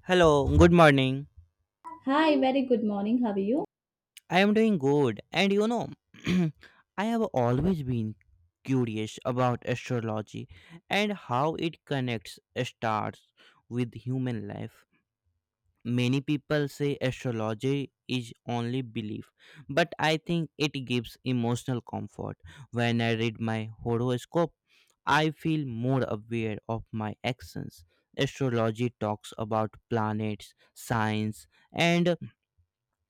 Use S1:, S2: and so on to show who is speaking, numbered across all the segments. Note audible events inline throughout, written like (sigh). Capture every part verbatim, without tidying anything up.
S1: Hello, good morning.
S2: Hi, very good morning. How are you?
S1: I am doing good, and you know, (clears throat) I have always been curious about astrology and how it connects stars with human life. Many people say astrology is only belief, but I think it gives emotional comfort. When I read my horoscope, I feel more aware of my actions. Astrology talks about planets, signs, and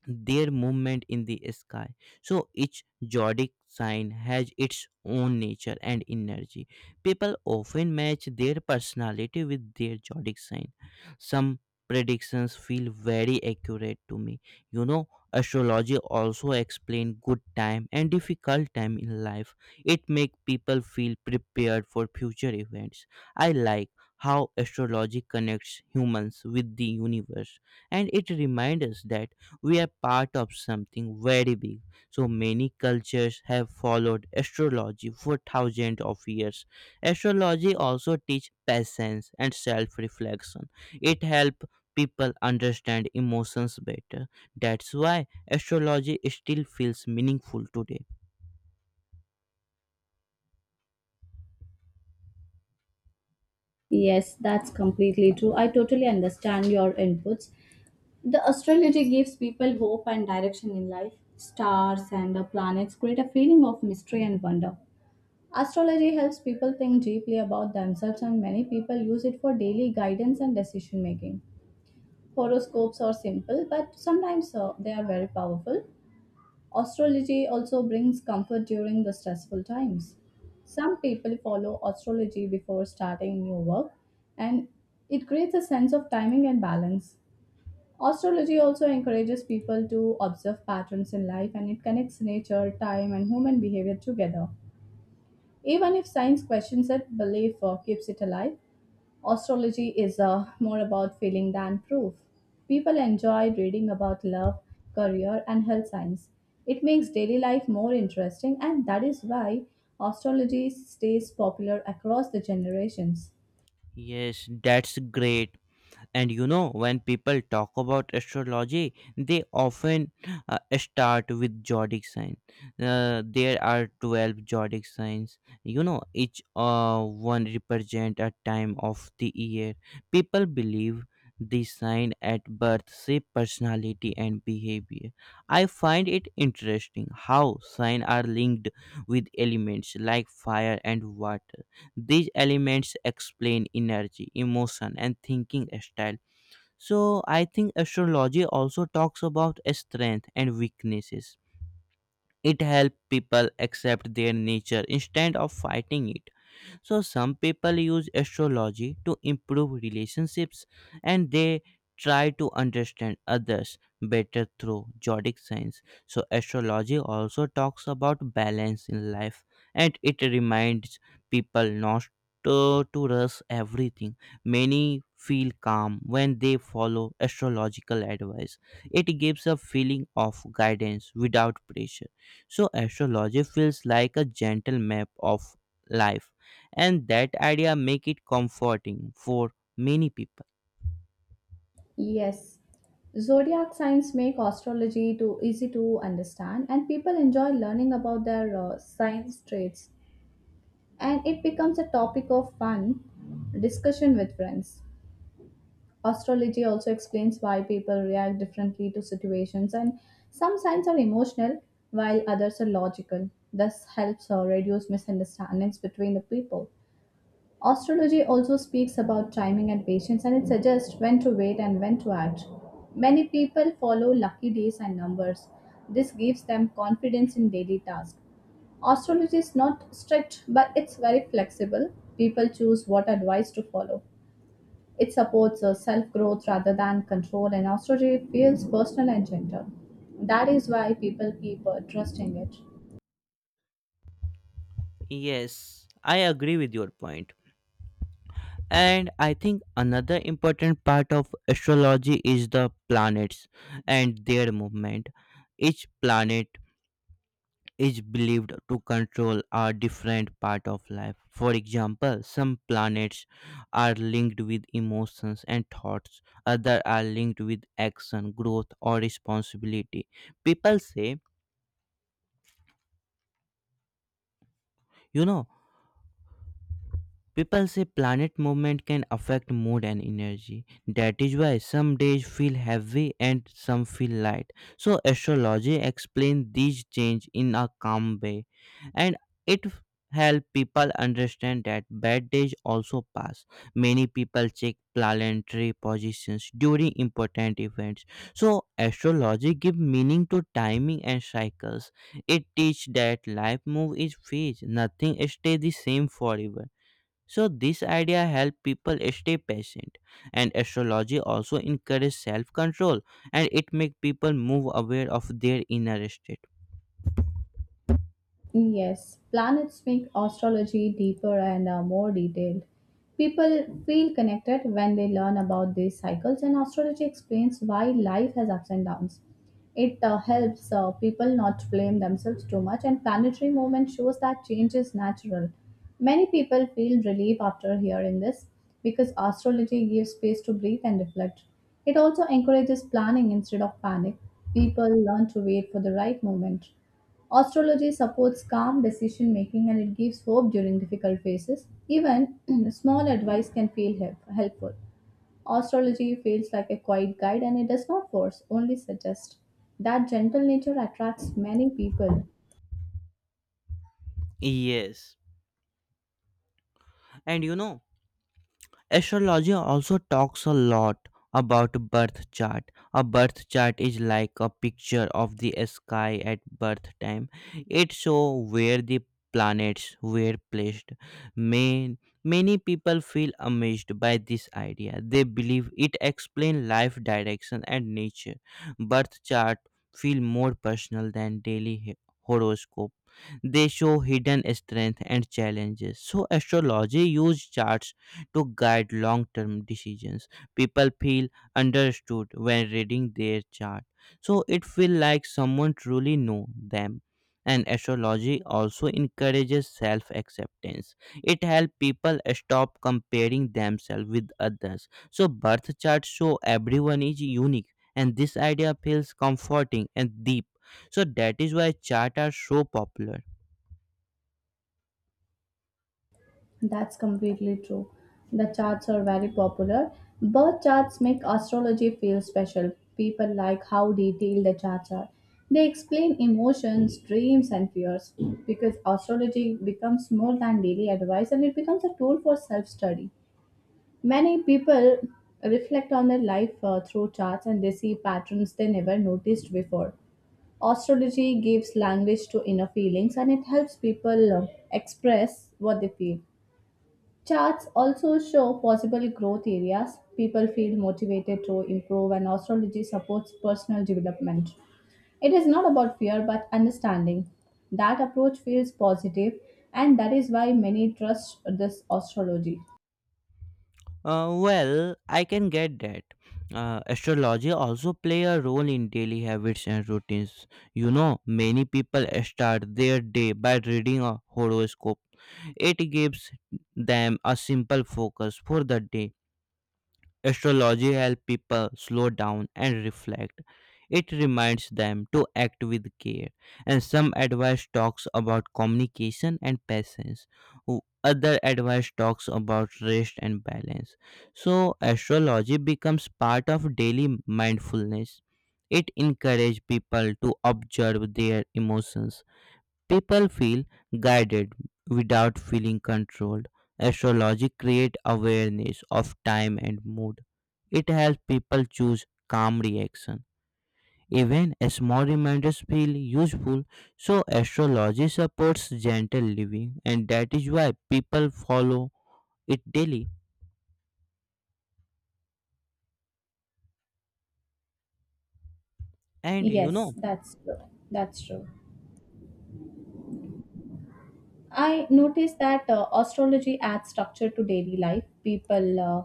S1: their movement in the sky. So each zodiac sign has its own nature and energy. People often match their personality with their zodiac sign. Some predictions feel very accurate to me. You know, Astrology also explains good time and difficult time in life. It makes people feel prepared for future events. I like how astrology connects humans with the universe and it reminds us that we are part of something very big. So many cultures have followed astrology for thousands of years. Astrology also teach patience and self-reflection. It helps people understand emotions better. That's why astrology still feels meaningful today.
S2: Yes, that's completely true. I totally understand your inputs. The astrology gives people hope and direction in life. Stars and the planets create a feeling of mystery and wonder. Astrology helps people think deeply about themselves, and many people use it for daily guidance and decision making. Horoscopes are simple, but sometimes uh, they are very powerful. Astrology also brings comfort during the stressful times. Some people follow astrology before starting new work and it creates a sense of timing and balance. Astrology also encourages people to observe patterns in life and it connects nature, time, and human behavior together. Even if science questions it, belief uh, keeps it alive. Astrology is uh, more about feeling than proof. People enjoy reading about love, career, and health signs. It makes daily life more interesting, and that is why astrology stays popular across the generations.
S1: Yes, that's great. And you know, when people talk about astrology, they often uh, start with zodiac sign. Uh, there are twelve zodiac signs. You know, each uh, one represent a time of the year. People believe the sign at birth shape personality and behavior. I find it interesting how signs are linked with elements like fire and water. These elements explain energy, emotion, and thinking style, so I think astrology also talks about strength and weaknesses. It helps people accept their nature instead of fighting it. So some people use astrology to improve relationships and they try to understand others better through zodiac signs. So astrology also talks about balance in life and it reminds people not to, to rush everything. Many feel calm when they follow astrological advice. It gives a feeling of guidance without pressure. So astrology feels like a gentle map of life and that idea make it comforting for many people.
S2: Yes, zodiac signs make astrology too easy to understand, and people enjoy learning about their uh, signs traits, and it becomes a topic of fun discussion with friends. Astrology also explains why people react differently to situations, and some signs are emotional while others are logical. This helps uh, reduce misunderstandings between the people. Astrology also speaks about timing and patience, and it suggests when to wait and when to act. Many people follow lucky days and numbers. This gives them confidence in daily tasks. Astrology is not strict, but it's very flexible. People choose what advice to follow. It supports a self-growth rather than control, and astrology feels personal and gentle. That is why people keep uh, trusting it.
S1: Yes, I agree with your point point. And I think another important part of astrology is the planets and their movement. Each planet is believed to control a different part of life. For example, some planets are linked with emotions and thoughts, other are linked with action, growth or responsibility. people say you know People say planet movement can affect mood and energy. That is why some days feel heavy and some feel light. So astrology explains these change in a calm way and it help people understand that bad days also pass. Many people check planetary positions during important events. So astrology give meaning to timing and cycles. It teach that life move is phase. Nothing stay the same forever, so this idea helps people stay patient and astrology also encourages self-control and it makes people move aware of their inner state.
S2: Yes, planets make astrology deeper and uh, more detailed. People feel connected when they learn about these cycles, and astrology explains why life has ups and downs. It uh, helps uh, people not blame themselves too much, and planetary movement shows that change is natural. Many people feel relief after hearing this because astrology gives space to breathe and reflect. It also encourages planning instead of panic. People learn to wait for the right moment. Astrology supports calm decision making and it gives hope during difficult phases. Even (clears throat) small advice can feel help- helpful. Astrology feels like a quiet guide and it does not force, only suggest. That gentle nature attracts many people.
S1: Yes. And you know astrology also talks a lot about birth chart. A birth chart is like a picture of the sky at birth time. It shows where the planets were placed. May, Many people feel amazed by this idea. They believe it explains life direction and nature. Birth chart feel more personal than daily he- horoscope. They show hidden strength and challenges. So astrology uses charts to guide long-term decisions. People feel understood when reading their chart. So it feels like someone truly know them. And astrology also encourages self-acceptance. It helps people stop comparing themselves with others. So birth charts show everyone is unique and this idea feels comforting and deep. So that is why charts are so popular.
S2: That's completely true. The charts are very popular. Birth charts make astrology feel special. People like how detailed the charts are. They explain emotions, dreams, and fears. Because astrology becomes more than daily advice and it becomes a tool for self study. Many people reflect on their life uh, through charts and they see patterns they never noticed before. Astrology gives language to inner feelings and it helps people uh, express what they feel. Charts also show possible growth areas. People feel motivated to improve, and astrology supports personal development. It is not about fear but understanding. That approach feels positive, and that is why many trust this astrology.
S1: Uh, well, I can get that. Uh, astrology also play a role in daily habits and routines. You know, many people start their day by reading a horoscope. It gives them a simple focus for the day. Astrology helps people slow down and reflect. It reminds them to act with care. And some advice talks about communication and patience. W- Other advice talks about rest and balance. So astrology becomes part of daily mindfulness. It encourages people to observe their emotions. People feel guided without feeling controlled. Astrology creates awareness of time and mood. It helps people choose calm reaction. Even small reminders feel useful, so astrology supports gentle living, and that is why people follow it daily. And you
S2: Yes,
S1: know,
S2: that's true. That's true. I noticed that uh, astrology adds structure to daily life. People uh,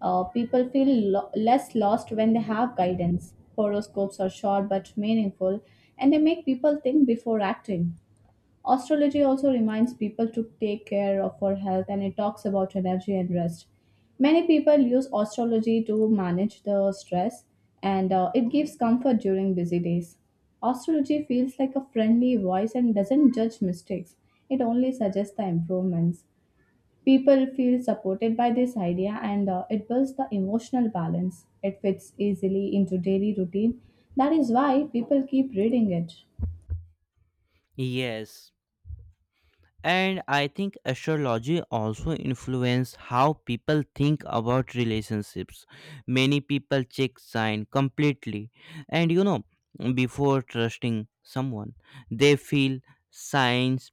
S2: uh, people feel lo- less lost when they have guidance. Horoscopes are short but meaningful, and they make people think before acting. Astrology also reminds people to take care of our health and it talks about energy and rest. Many people use astrology to manage the stress and uh, it gives comfort during busy days. Astrology feels like a friendly voice and doesn't judge mistakes, it only suggests the improvements. People feel supported by this idea and uh, it builds the emotional balance. It fits easily into daily routine. That is why people keep reading it.
S1: yes, and I think astrology also influence how people think about relationships. Many people check sign completely and you know before trusting someone they feel signs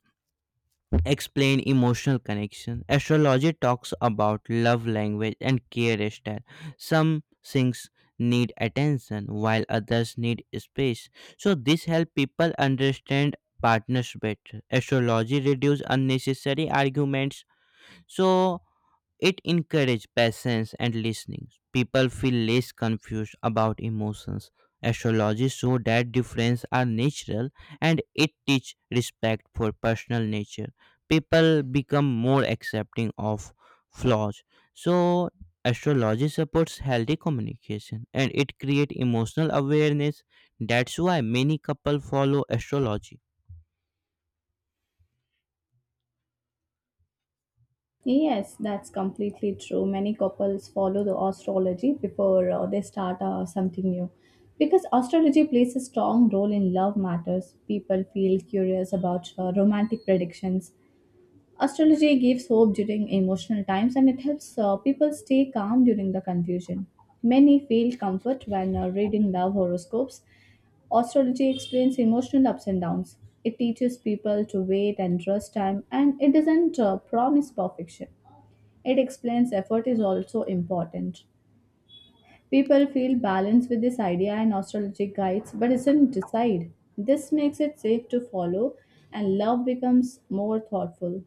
S1: explain emotional connection. Astrology talks about love language and care style. Some things need attention while others need space. So this helps people understand partners better. Astrology reduces unnecessary arguments. So it encourages patience and listening. People feel less confused about emotions. Astrology shows that differences are natural and it teaches respect for personal nature. People become more accepting of flaws. So, astrology supports healthy communication and it creates emotional awareness. That's why many couples follow astrology.
S2: Yes, that's completely true. Many couples follow the astrology before uh, they start uh, something new. Because astrology plays a strong role in love matters, people feel curious about uh, romantic predictions. Astrology gives hope during emotional times and it helps uh, people stay calm during the confusion. Many feel comfort when uh, reading love horoscopes. Astrology explains emotional ups and downs. It teaches people to wait and trust time and it doesn't uh, promise perfection. It explains effort is also important. People feel balanced with this idea and astrology guides but doesn't decide. This makes it safe to follow and love becomes more thoughtful.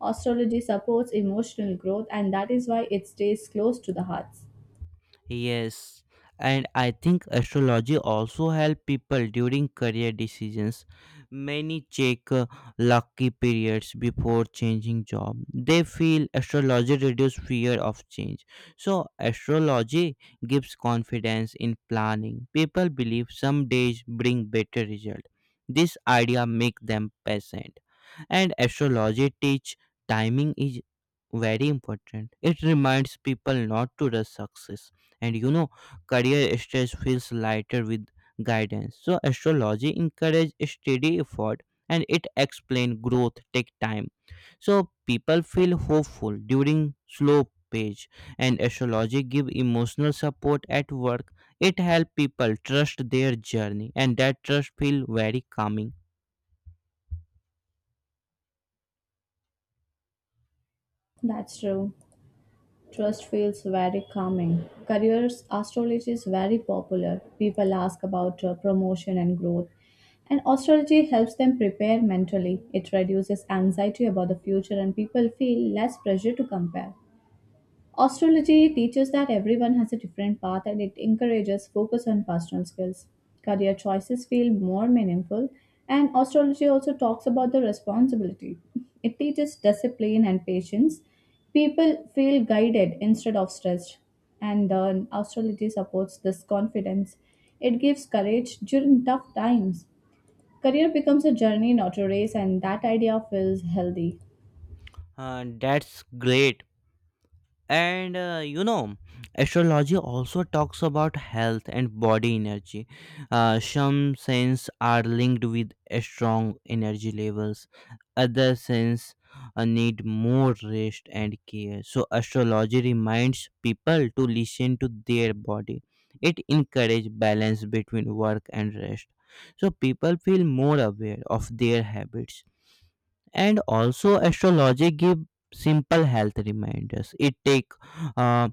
S2: Astrology supports emotional growth and that is why it stays close to the hearts.
S1: Yes, and I think astrology also help people during career decisions. Many check uh, lucky periods before changing job. They feel astrology reduce fear of change. So astrology gives confidence in planning. People believe some days bring better result. This idea make them patient. And astrology teach timing is very important. It reminds people not to rush success, and you know career stress feels lighter with guidance. So astrology encourage steady effort and it explain growth take time, so people feel hopeful during slow page. And astrology give emotional support at work. It help people trust their journey and that trust feel very calming.
S2: That's true. Trust feels very calming. Careers astrology is very popular. People ask about uh, promotion and growth. And astrology helps them prepare mentally. It reduces anxiety about the future and people feel less pressure to compare. Astrology teaches that everyone has a different path and it encourages focus on personal skills. Career choices feel more meaningful, and astrology also talks about the responsibility. It teaches discipline and patience. People feel guided instead of stressed, and uh, astrology supports this confidence. It gives courage during tough times. Career becomes a journey, not a race, and that idea feels healthy.
S1: Uh, that's great. And uh, you know astrology also talks about health and body energy. Uh, some signs are linked with a strong energy levels, other signs uh, need more rest and care. So astrology reminds people to listen to their body. It encourages balance between work and rest, so people feel more aware of their habits. And also astrology give simple health reminders. It take uh,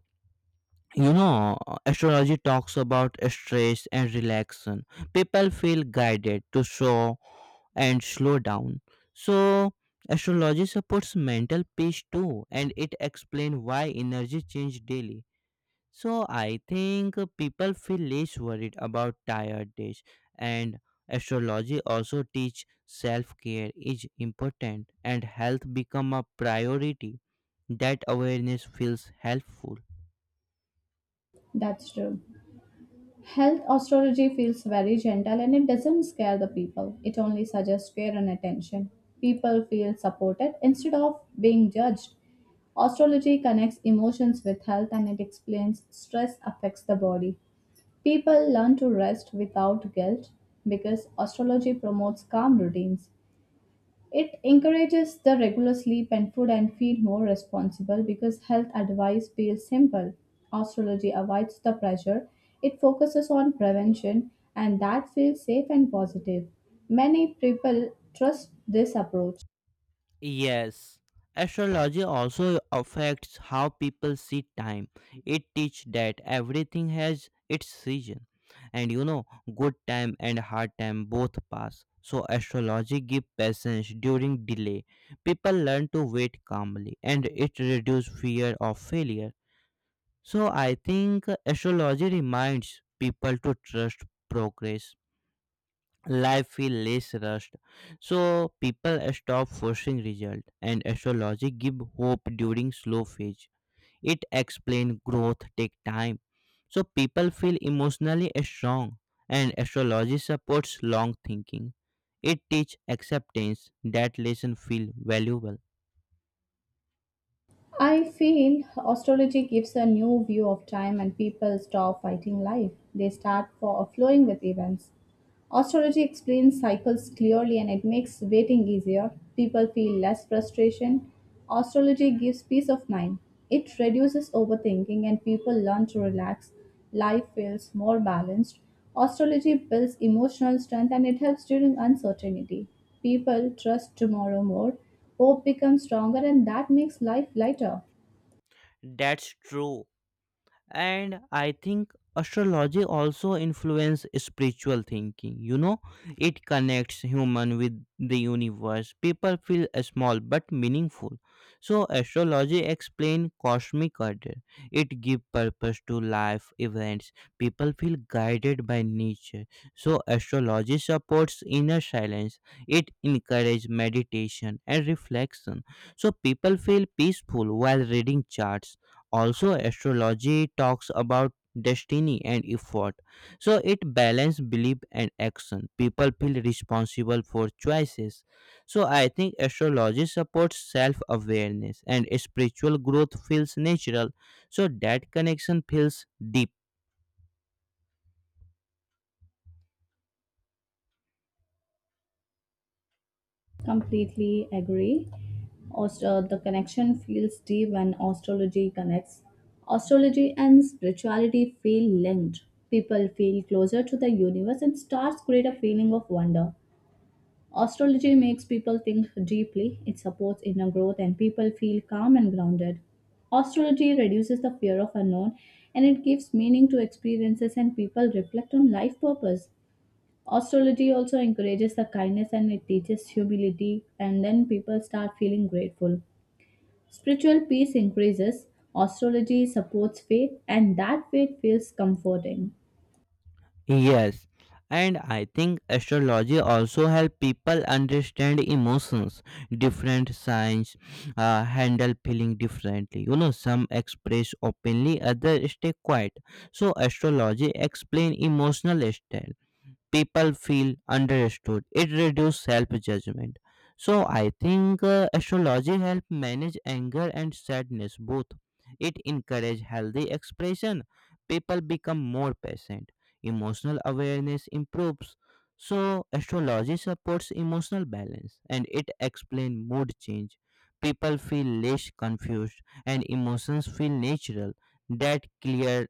S1: you know Astrology talks about stress and relaxation. People feel guided to show and slow down. So astrology supports mental peace too and it explains why energy change daily. So I think people feel less worried about tired days. And astrology also teach self-care is important and health become a priority. That awareness feels helpful.
S2: That's true. Health astrology feels very gentle and it doesn't scare the people. It only suggests care and attention. People feel supported instead of being judged. Astrology connects emotions with health and it explains stress affects the body. People learn to rest without guilt because astrology promotes calm routines. It encourages the regular sleep and food and feel more responsible because health advice feels simple. Astrology avoids the pressure. It focuses on prevention and that feels safe and positive. Many people trust this approach.
S1: Yes, astrology also affects how people see time. It teaches that everything has its season, and you know, good time and hard time both pass. So astrology give patience during delay. People learn to wait calmly, and it reduce fear of failure. So I think astrology reminds people to trust progress. Life feel less rushed, so people stop forcing result and astrology give hope during slow phase. It explain growth take time, so people feel emotionally strong, and astrology supports long thinking. It teach acceptance. That lesson feel valuable.
S2: I feel astrology gives a new view of time and people stop fighting life. They start for flowing with events. Astrology explains cycles clearly and it makes waiting easier. People feel less frustration. Astrology gives peace of mind. It reduces overthinking and people learn to relax. Life feels more balanced. Astrology builds emotional strength and it helps during uncertainty. People trust tomorrow more. Hope becomes stronger and that makes life lighter.
S1: That's true. And I think astrology also influence spiritual thinking. You know it connects human with the universe. People feel uh, small but meaningful. So astrology explain cosmic order. It give purpose to life events. People feel guided by nature. So astrology supports inner silence. It encourage meditation and reflection, so people feel peaceful while reading charts. Also, astrology talks about destiny and effort. So it balances belief and action. People feel responsible for choices. So I think astrology supports self awareness and spiritual growth feels natural. So that connection feels deep.
S2: Completely agree. Aust- uh, the connection feels deep when astrology connects. Astrology and spirituality feel linked. People feel closer to the universe and stars create a feeling of wonder. Astrology makes people think deeply, it supports inner growth, and people feel calm and grounded. Astrology reduces the fear of unknown and it gives meaning to experiences, and people reflect on life purpose. Astrology also encourages the kindness and it teaches humility, and then people start feeling grateful. Spiritual peace increases, astrology supports faith, and that faith feels comforting.
S1: Yes, and I think astrology also help people understand emotions. Different signs uh, handle feeling differently. You know, some express openly, others stay quiet. So astrology explain emotional style. People feel understood. It reduces self judgment. So I think uh, astrology helps manage anger and sadness both. It encourages healthy expression. People become more patient. Emotional awareness improves. So astrology supports emotional balance and it explains mood change. People feel less confused and emotions feel natural. That clear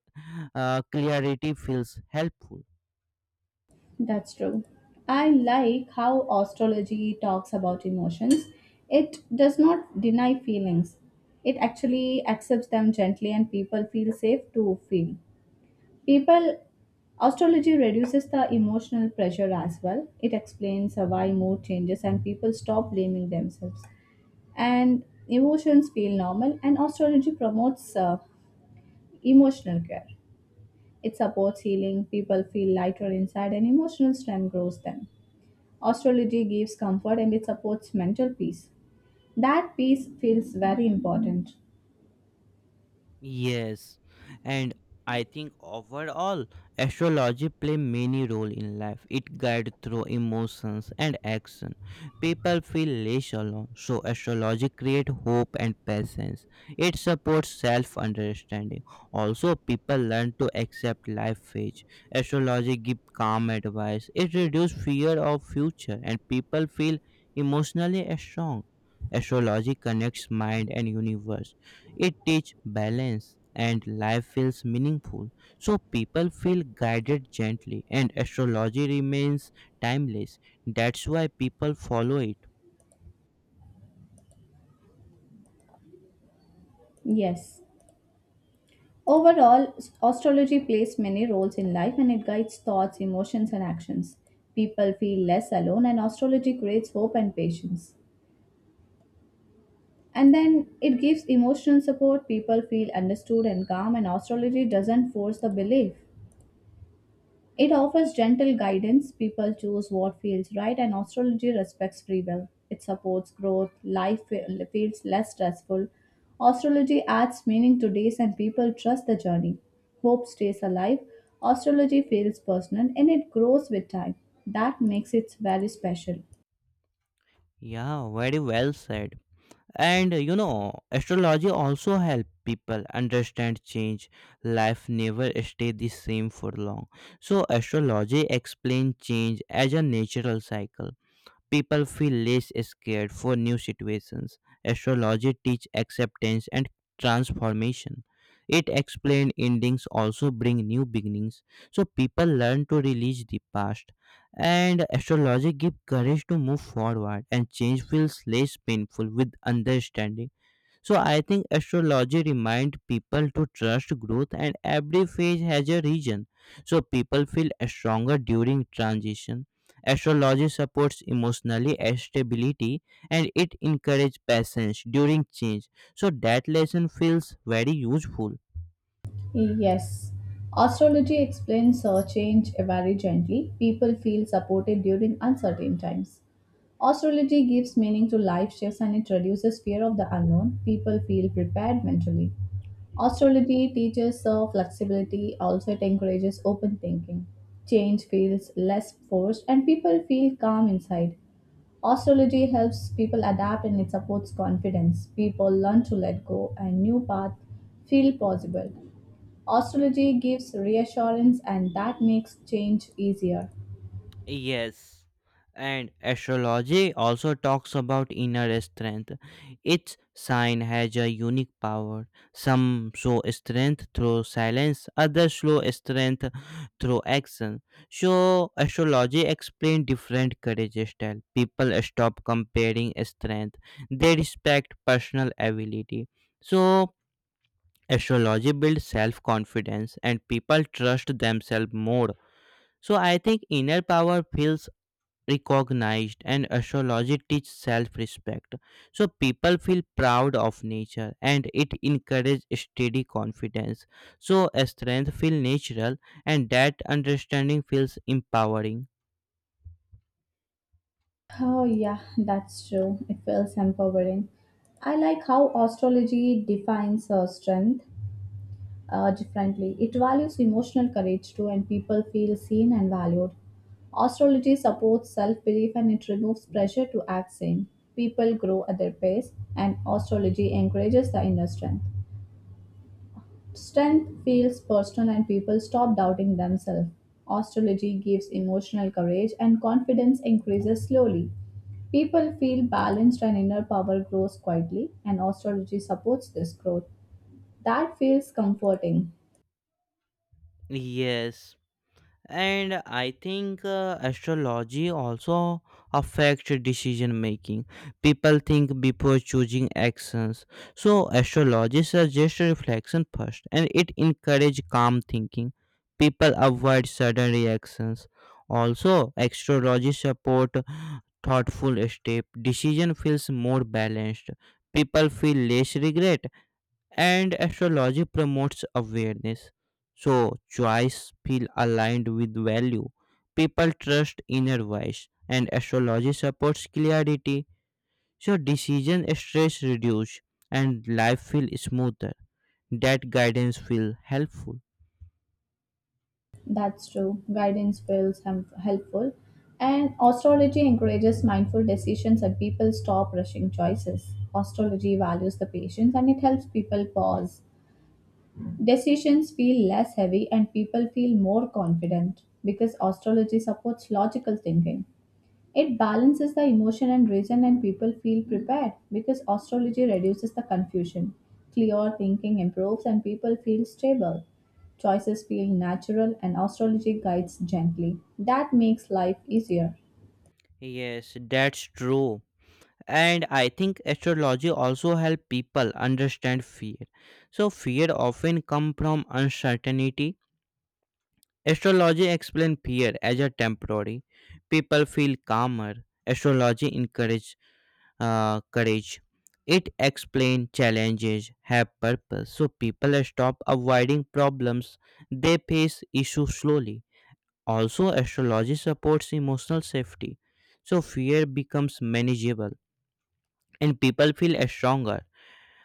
S1: uh, clarity feels helpful.
S2: That's true. I like how astrology talks about emotions. It does not deny feelings, it actually accepts them gently, and people feel safe to feel. People, astrology reduces the emotional pressure as well. It explains why mood changes and people stop blaming themselves. And emotions feel normal, and astrology promotes uh, emotional care. It supports healing, people feel lighter inside, and emotional strength grows them. Astrology gives comfort and it supports mental peace. That peace feels very important.
S1: Yes, and I think overall, astrology play many role in life. It guide through emotions and action. People feel less alone, so astrology create hope and patience. It supports self understanding. Also, people learn to accept life phase. Astrology give calm advice. It reduce fear of future, and people feel emotionally strong. Astrology connects mind and universe. It teaches balance and life feels meaningful. So people feel guided gently and astrology remains timeless. That's why people follow it.
S2: Yes. Overall, astrology plays many roles in life and it guides thoughts, emotions, and actions. People feel less alone, and astrology creates hope and patience. And then it gives emotional support, people feel understood and calm, and astrology doesn't force the belief. It offers gentle guidance, people choose what feels right, and astrology respects free will. It supports growth, life fe- feels less stressful. Astrology adds meaning to days, and people trust the journey. Hope stays alive. Astrology feels personal and it grows with time. That makes it very special.
S1: Yeah, very well said. And you know, astrology also help people understand change. Life never stay the same for long. So astrology explain change as a natural cycle. People feel less scared for new situations. Astrology teach acceptance and transformation. It explains endings also bring new beginnings. So people learn to release the past. And astrology give courage to move forward and change feels less painful with understanding. So I think astrology remind people to trust growth and every phase has a region. So people feel stronger during transition. Astrology supports emotionally stability and it encourages patience during change. So that lesson feels very useful.
S2: Yes. Astrology explains uh, change very gently. People feel supported during uncertain times. Astrology gives meaning to life shifts and it reduces fear of the unknown. People feel prepared mentally. Astrology teaches uh, flexibility, also, it encourages open thinking. Change feels less forced and people feel calm inside. Astrology helps people adapt and it supports confidence. People learn to let go and new paths feel possible. Astrology gives reassurance and that makes change easier.
S1: Yes, and astrology also talks about inner strength. Each sign has a unique power. Some show strength through silence, others show strength through action. So, astrology explains different courage style. People stop comparing strength; they respect personal ability. So, astrology builds self confidence, and people trust themselves more. So I think inner power feels recognized and astrology teaches self-respect so people feel proud of nature and it encourages steady confidence so a strength feels natural and that understanding feels empowering.
S2: Oh, yeah, that's true. It feels empowering. I like how astrology defines uh, strength uh, differently. It values emotional courage too, and people feel seen and valued. Astrology supports self belief and it removes pressure to act same. People grow at their pace, and astrology encourages the inner strength. Strength feels personal and people stop doubting themselves. Astrology gives emotional courage and confidence increases slowly. People feel balanced and inner power grows quietly, and astrology supports this growth. That feels comforting.
S1: Yes, and I think uh, astrology also affects decision making. People think before choosing actions, so astrology suggests reflection first and it encourages calm thinking. People avoid sudden reactions. Also astrology support thoughtful step. Decision feels more balanced, people feel less regret, and astrology promotes awareness, so choice feel aligned with value. People trust inner voice and astrology supports clarity, so decision stress reduce and life feel smoother. That guidance feel helpful.
S2: That's true. Guidance feels hem- helpful. And astrology encourages mindful decisions and people stop rushing choices. Astrology values the patience and it helps people pause. Decisions feel less heavy and people feel more confident because astrology supports logical thinking. It balances the emotion and reason, and people feel prepared because astrology reduces the confusion. Clear thinking improves, and people feel stable. Choices feel natural, and astrology guides gently. That makes life easier.
S1: Yes, that's true. And I think astrology also help people understand fear. So fear often come from uncertainty. Astrology explains fear as a temporary. People feel calmer. Astrology encourages uh, courage. It explains challenges have purpose, so people stop avoiding problems. They face issues slowly. Also, astrology supports emotional safety, so fear becomes manageable and people feel stronger.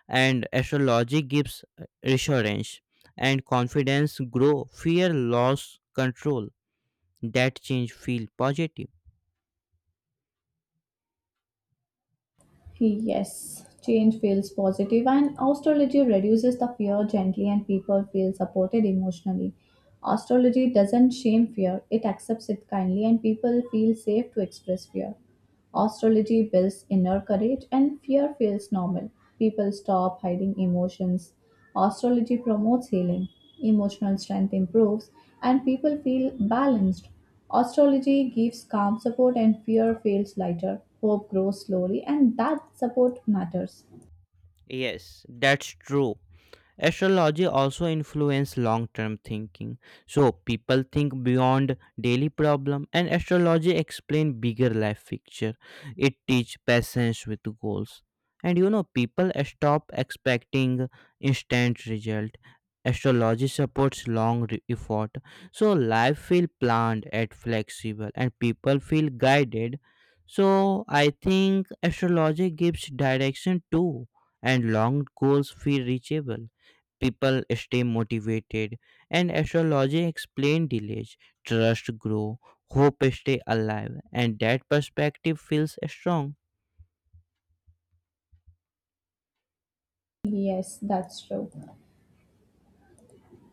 S1: And astrology gives uh, reassurance and confidence grow. Fear loss control. That change feel positive.
S2: Yes, change feels positive and astrology reduces the fear gently and people feel supported emotionally. Astrology doesn't shame fear, it accepts it kindly and people feel safe to express fear. Astrology builds inner courage and fear feels normal. People stop hiding emotions. Astrology promotes healing. Emotional strength improves and people feel balanced. Astrology gives calm support and fear feels lighter. Hope grows slowly and that support matters.
S1: Yes, that's true. Astrology also influences long term thinking. So people think beyond daily problem and astrology explain bigger life picture. It teach patience with goals. And you know people stop expecting instant result. Astrology supports long re- effort. So life feel planned and flexible and people feel guided. So I think astrology gives direction too, and long goals feel reachable, people stay motivated, and astrology explain delays, trust grow, hope stay alive, and that perspective feels strong.
S2: Yes, that's true.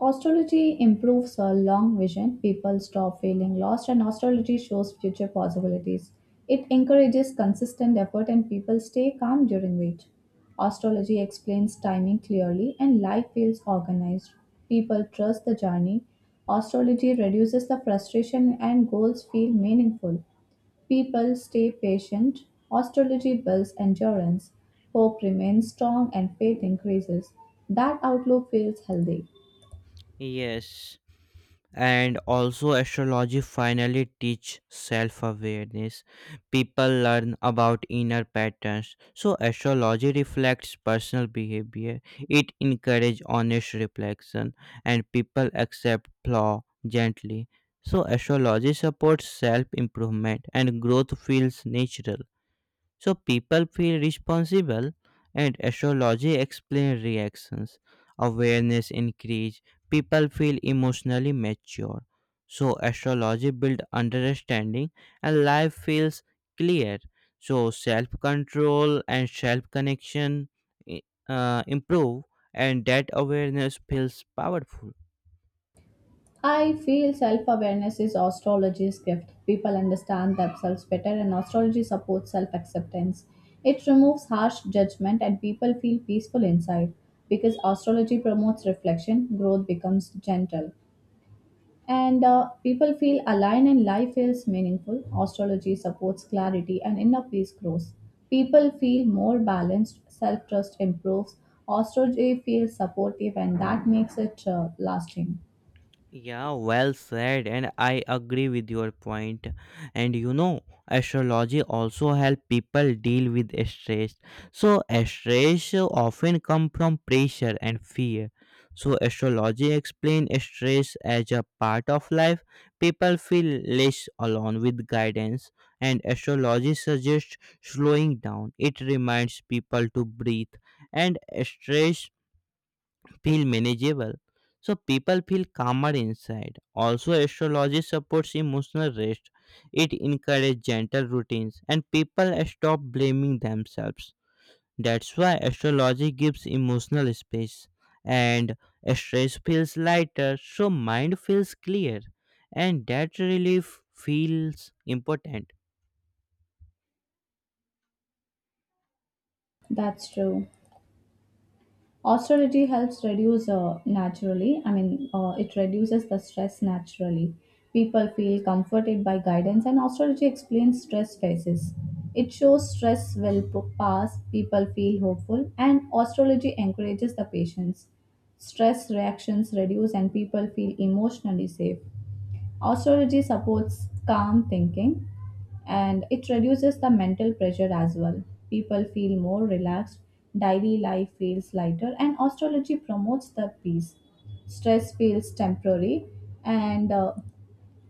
S2: Astrology improves our long vision. People stop feeling lost, and astrology shows future possibilities. It encourages consistent effort, and people stay calm during wait. Astrology explains timing clearly, and life feels organized. People trust the journey. Astrology reduces the frustration, and goals feel meaningful. People stay patient. Astrology builds endurance. Hope remains strong, and faith increases. That outlook feels healthy.
S1: Yes, and also astrology finally teach self awareness. People learn about inner patterns, so astrology reflects personal behavior. It encourages honest reflection, and people accept flaw gently. So astrology supports self improvement and growth feels natural, so people feel responsible, and astrology explains reactions. Awareness increase. People feel emotionally mature. So astrology build understanding and life feels clear. So self control and self connection uh, improve, and that awareness feels powerful.
S2: I feel self awareness is astrology's gift. People understand themselves better, and astrology supports self acceptance. It removes harsh judgment, and people feel peaceful inside. Because astrology promotes reflection, growth becomes gentle. And uh, People feel aligned, and life feels meaningful. Astrology supports clarity, and inner peace grows. People feel more balanced, self trust improves. Astrology feels supportive, and that makes it uh, lasting.
S1: Yeah, well said, and I agree with your point. And you know, astrology also help people deal with stress. So stress often come from pressure and fear. So astrology explain stress as a part of life. People feel less alone with guidance, and astrology suggests slowing down. It reminds people to breathe, and stress feel manageable. So people feel calmer inside. Also, astrology supports emotional rest. It encourages gentle routines and people stop blaming themselves. That's why astrology gives emotional space and stress feels lighter, so mind feels clear and that relief feels important.
S2: That's true. Austerity helps reduce uh, naturally I mean uh, it reduces the stress naturally. People feel comforted by guidance, and austerity explains stress phases. It shows stress will p- pass. People feel hopeful, and astrology encourages the patience. Stress reactions reduce, and people feel emotionally safe. Astrology supports calm thinking, and it reduces the mental pressure as well. People feel more relaxed, daily life feels lighter, and astrology promotes the peace. Stress feels temporary, and uh,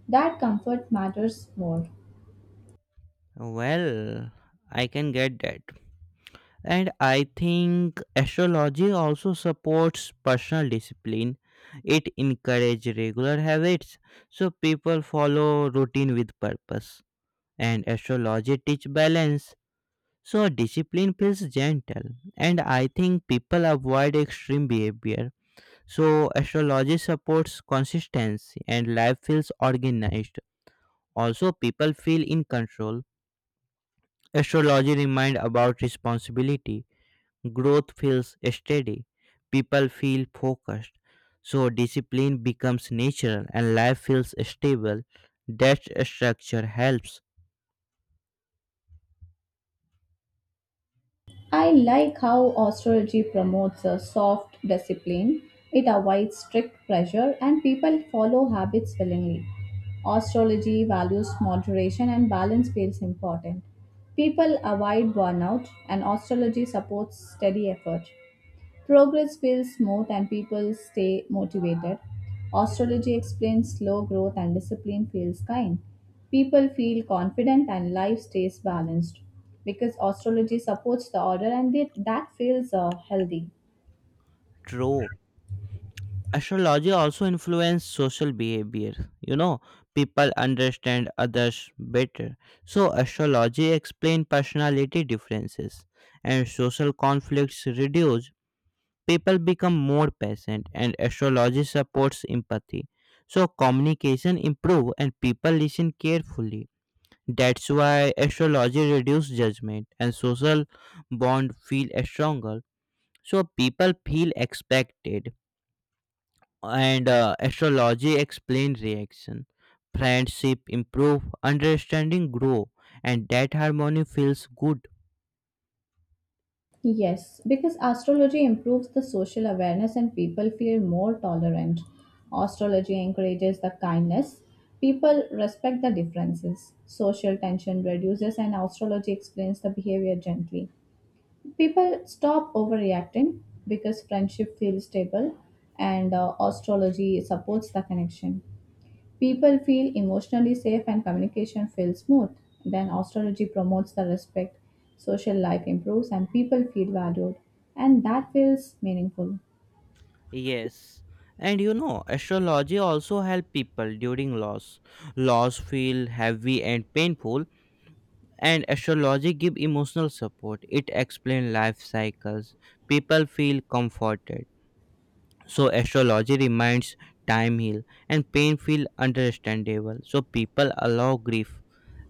S2: that comfort matters more.
S1: Well, I can get that. And I think astrology also supports personal discipline. It encourages regular habits so people follow routine with purpose. And astrology teach balance so discipline feels gentle. And I think people avoid extreme behavior. So astrology supports consistency and life feels organized. Also people feel in control. Astrology remind about responsibility. Growth feels steady. People feel focused. So discipline becomes natural and life feels stable. That structure helps.
S2: I like how astrology promotes a soft discipline. It avoids strict pressure and people follow habits willingly. Astrology values moderation and balance feels important. People avoid burnout and astrology supports steady effort. Progress feels smooth and people stay motivated. Astrology explains slow growth and discipline feels kind. People feel confident and life stays balanced because astrology supports the order, and it, that feels uh, healthy.
S1: True. Astrology also influences social behavior. You know, people understand others better. So astrology explains personality differences and social conflicts reduce. People become more patient and astrology supports empathy, so communication improve and people listen carefully. That's why astrology reduce judgment and social bond feel stronger, so people feel expected, and uh, astrology explain reaction, friendship improve, understanding grow, and that harmony feels good.
S2: Yes, because astrology improves the social awareness and people feel more tolerant. Astrology encourages the kindness. People respect the differences. Social tension reduces and astrology explains the behavior gently. People stop overreacting because friendship feels stable, and uh, astrology supports the connection. People feel emotionally safe and communication feels smooth. Then astrology promotes the respect, social life improves, and people feel valued. And that feels meaningful.
S1: Yes. And you know, astrology also help people during loss. Loss feel heavy and painful, and astrology give emotional support. It explain life cycles. People feel comforted. So astrology reminds time heal and pain feel understandable. So people allow grief.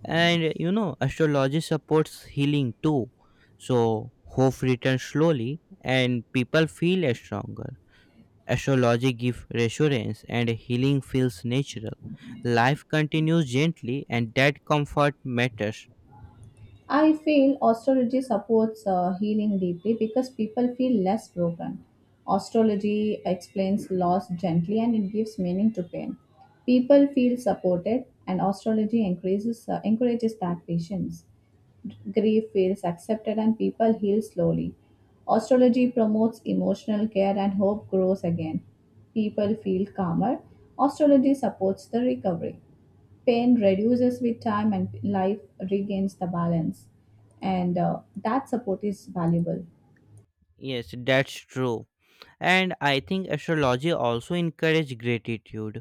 S1: And you know, astrology supports healing too. So hope returns slowly and people feel stronger. Astrology gives reassurance and healing feels natural. Life continues gently and that comfort matters.
S2: I feel astrology supports uh, healing deeply because people feel less broken. Astrology explains loss gently and it gives meaning to pain. People feel supported, and astrology increases, uh, encourages that patience. Grief feels accepted, and people heal slowly. Astrology promotes emotional care, and hope grows again. People feel calmer. Astrology supports the recovery. Pain reduces with time, and life regains the balance, and uh, that support is valuable.
S1: Yes, that's true. And I think astrology also encourage gratitude.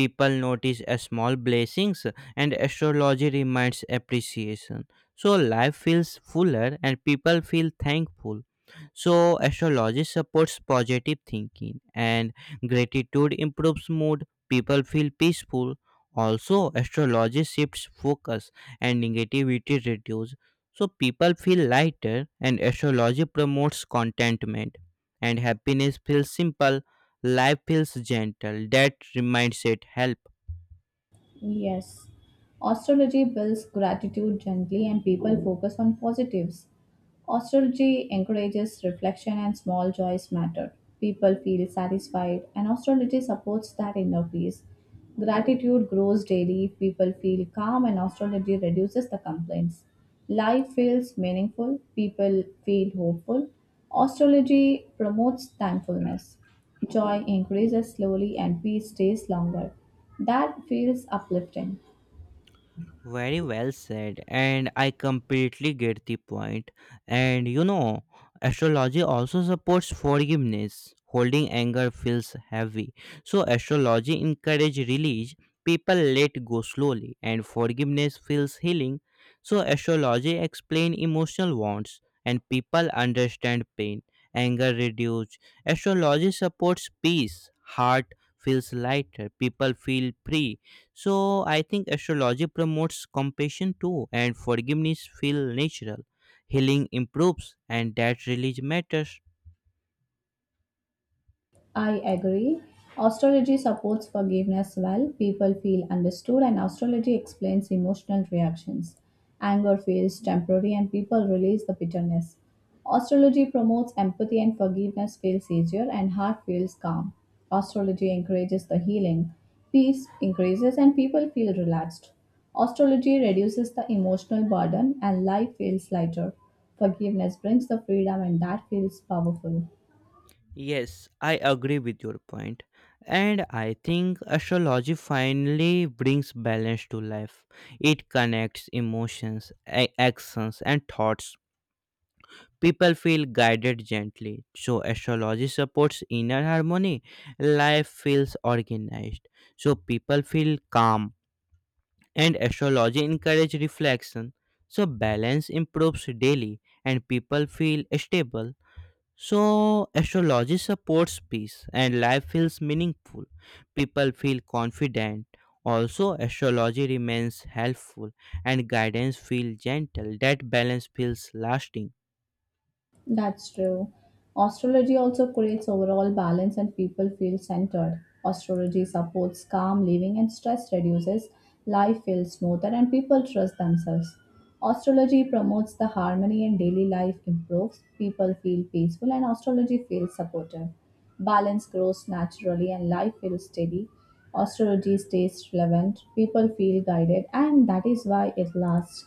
S1: People notice a small blessings and astrology reminds appreciation, so life feels fuller and people feel thankful. So astrology supports positive thinking and gratitude improves mood, people feel peaceful. Also astrology shifts focus and negativity reduces, so people feel lighter and astrology promotes contentment and happiness feels simple, life feels gentle. That reminds it helps.
S2: Yes, astrology builds gratitude gently, and people focus on positives. Astrology encourages reflection and small joys matter. People feel satisfied, and astrology supports that inner peace. Gratitude grows daily, people feel calm, and astrology reduces the complaints. Life feels meaningful, people feel hopeful. Astrology promotes thankfulness. Joy increases slowly, and peace stays longer. That feels uplifting.
S1: Very well said, and I completely get the point. And you know, astrology also supports forgiveness. Holding anger feels heavy, so astrology encourages release. People let go slowly, and forgiveness feels healing. So astrology explains emotional wants, and people understand pain. Anger reduces. Astrology supports peace. Heart feels lighter. People feel free, so I think astrology promotes compassion too, and forgiveness feel natural. Healing improves, and that really matters.
S2: I agree. Astrology supports forgiveness well. People feel understood, and astrology explains emotional reactions. Anger feels temporary, and people release the bitterness. Astrology promotes empathy, and forgiveness feels easier, and heart feels calm. Astrology encourages the healing. Peace increases, and people feel relaxed. Astrology reduces the emotional burden, and life feels lighter. Forgiveness brings the freedom, and that feels powerful.
S1: Yes, I agree with your point. And I think astrology finally brings balance to life. It connects emotions, a- actions, and thoughts. People feel guided gently. So, astrology supports inner harmony. Life feels organized. So, people feel calm and astrology encourage reflection, so balance improves daily and people feel stable. So astrology supports peace and life feels meaningful, people feel confident. Also astrology remains helpful and guidance feels gentle. That balance feels lasting.
S2: That's true. Astrology also creates overall balance and people feel centered. Astrology supports calm living and stress reduces. Life feels smoother and people trust themselves. Astrology promotes the harmony and daily life improves. People feel peaceful and astrology feels supportive. Balance grows naturally and life feels steady. Astrology stays relevant. People feel guided, and that is why it lasts.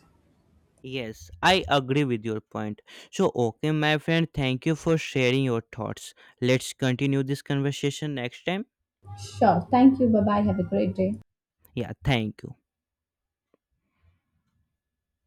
S1: Yes, I agree with your point. So okay, my friend, thank you for sharing your thoughts. Let's continue this conversation next time.
S2: Sure. Thank you. Bye bye. Have a great day.
S1: Yeah, thank you.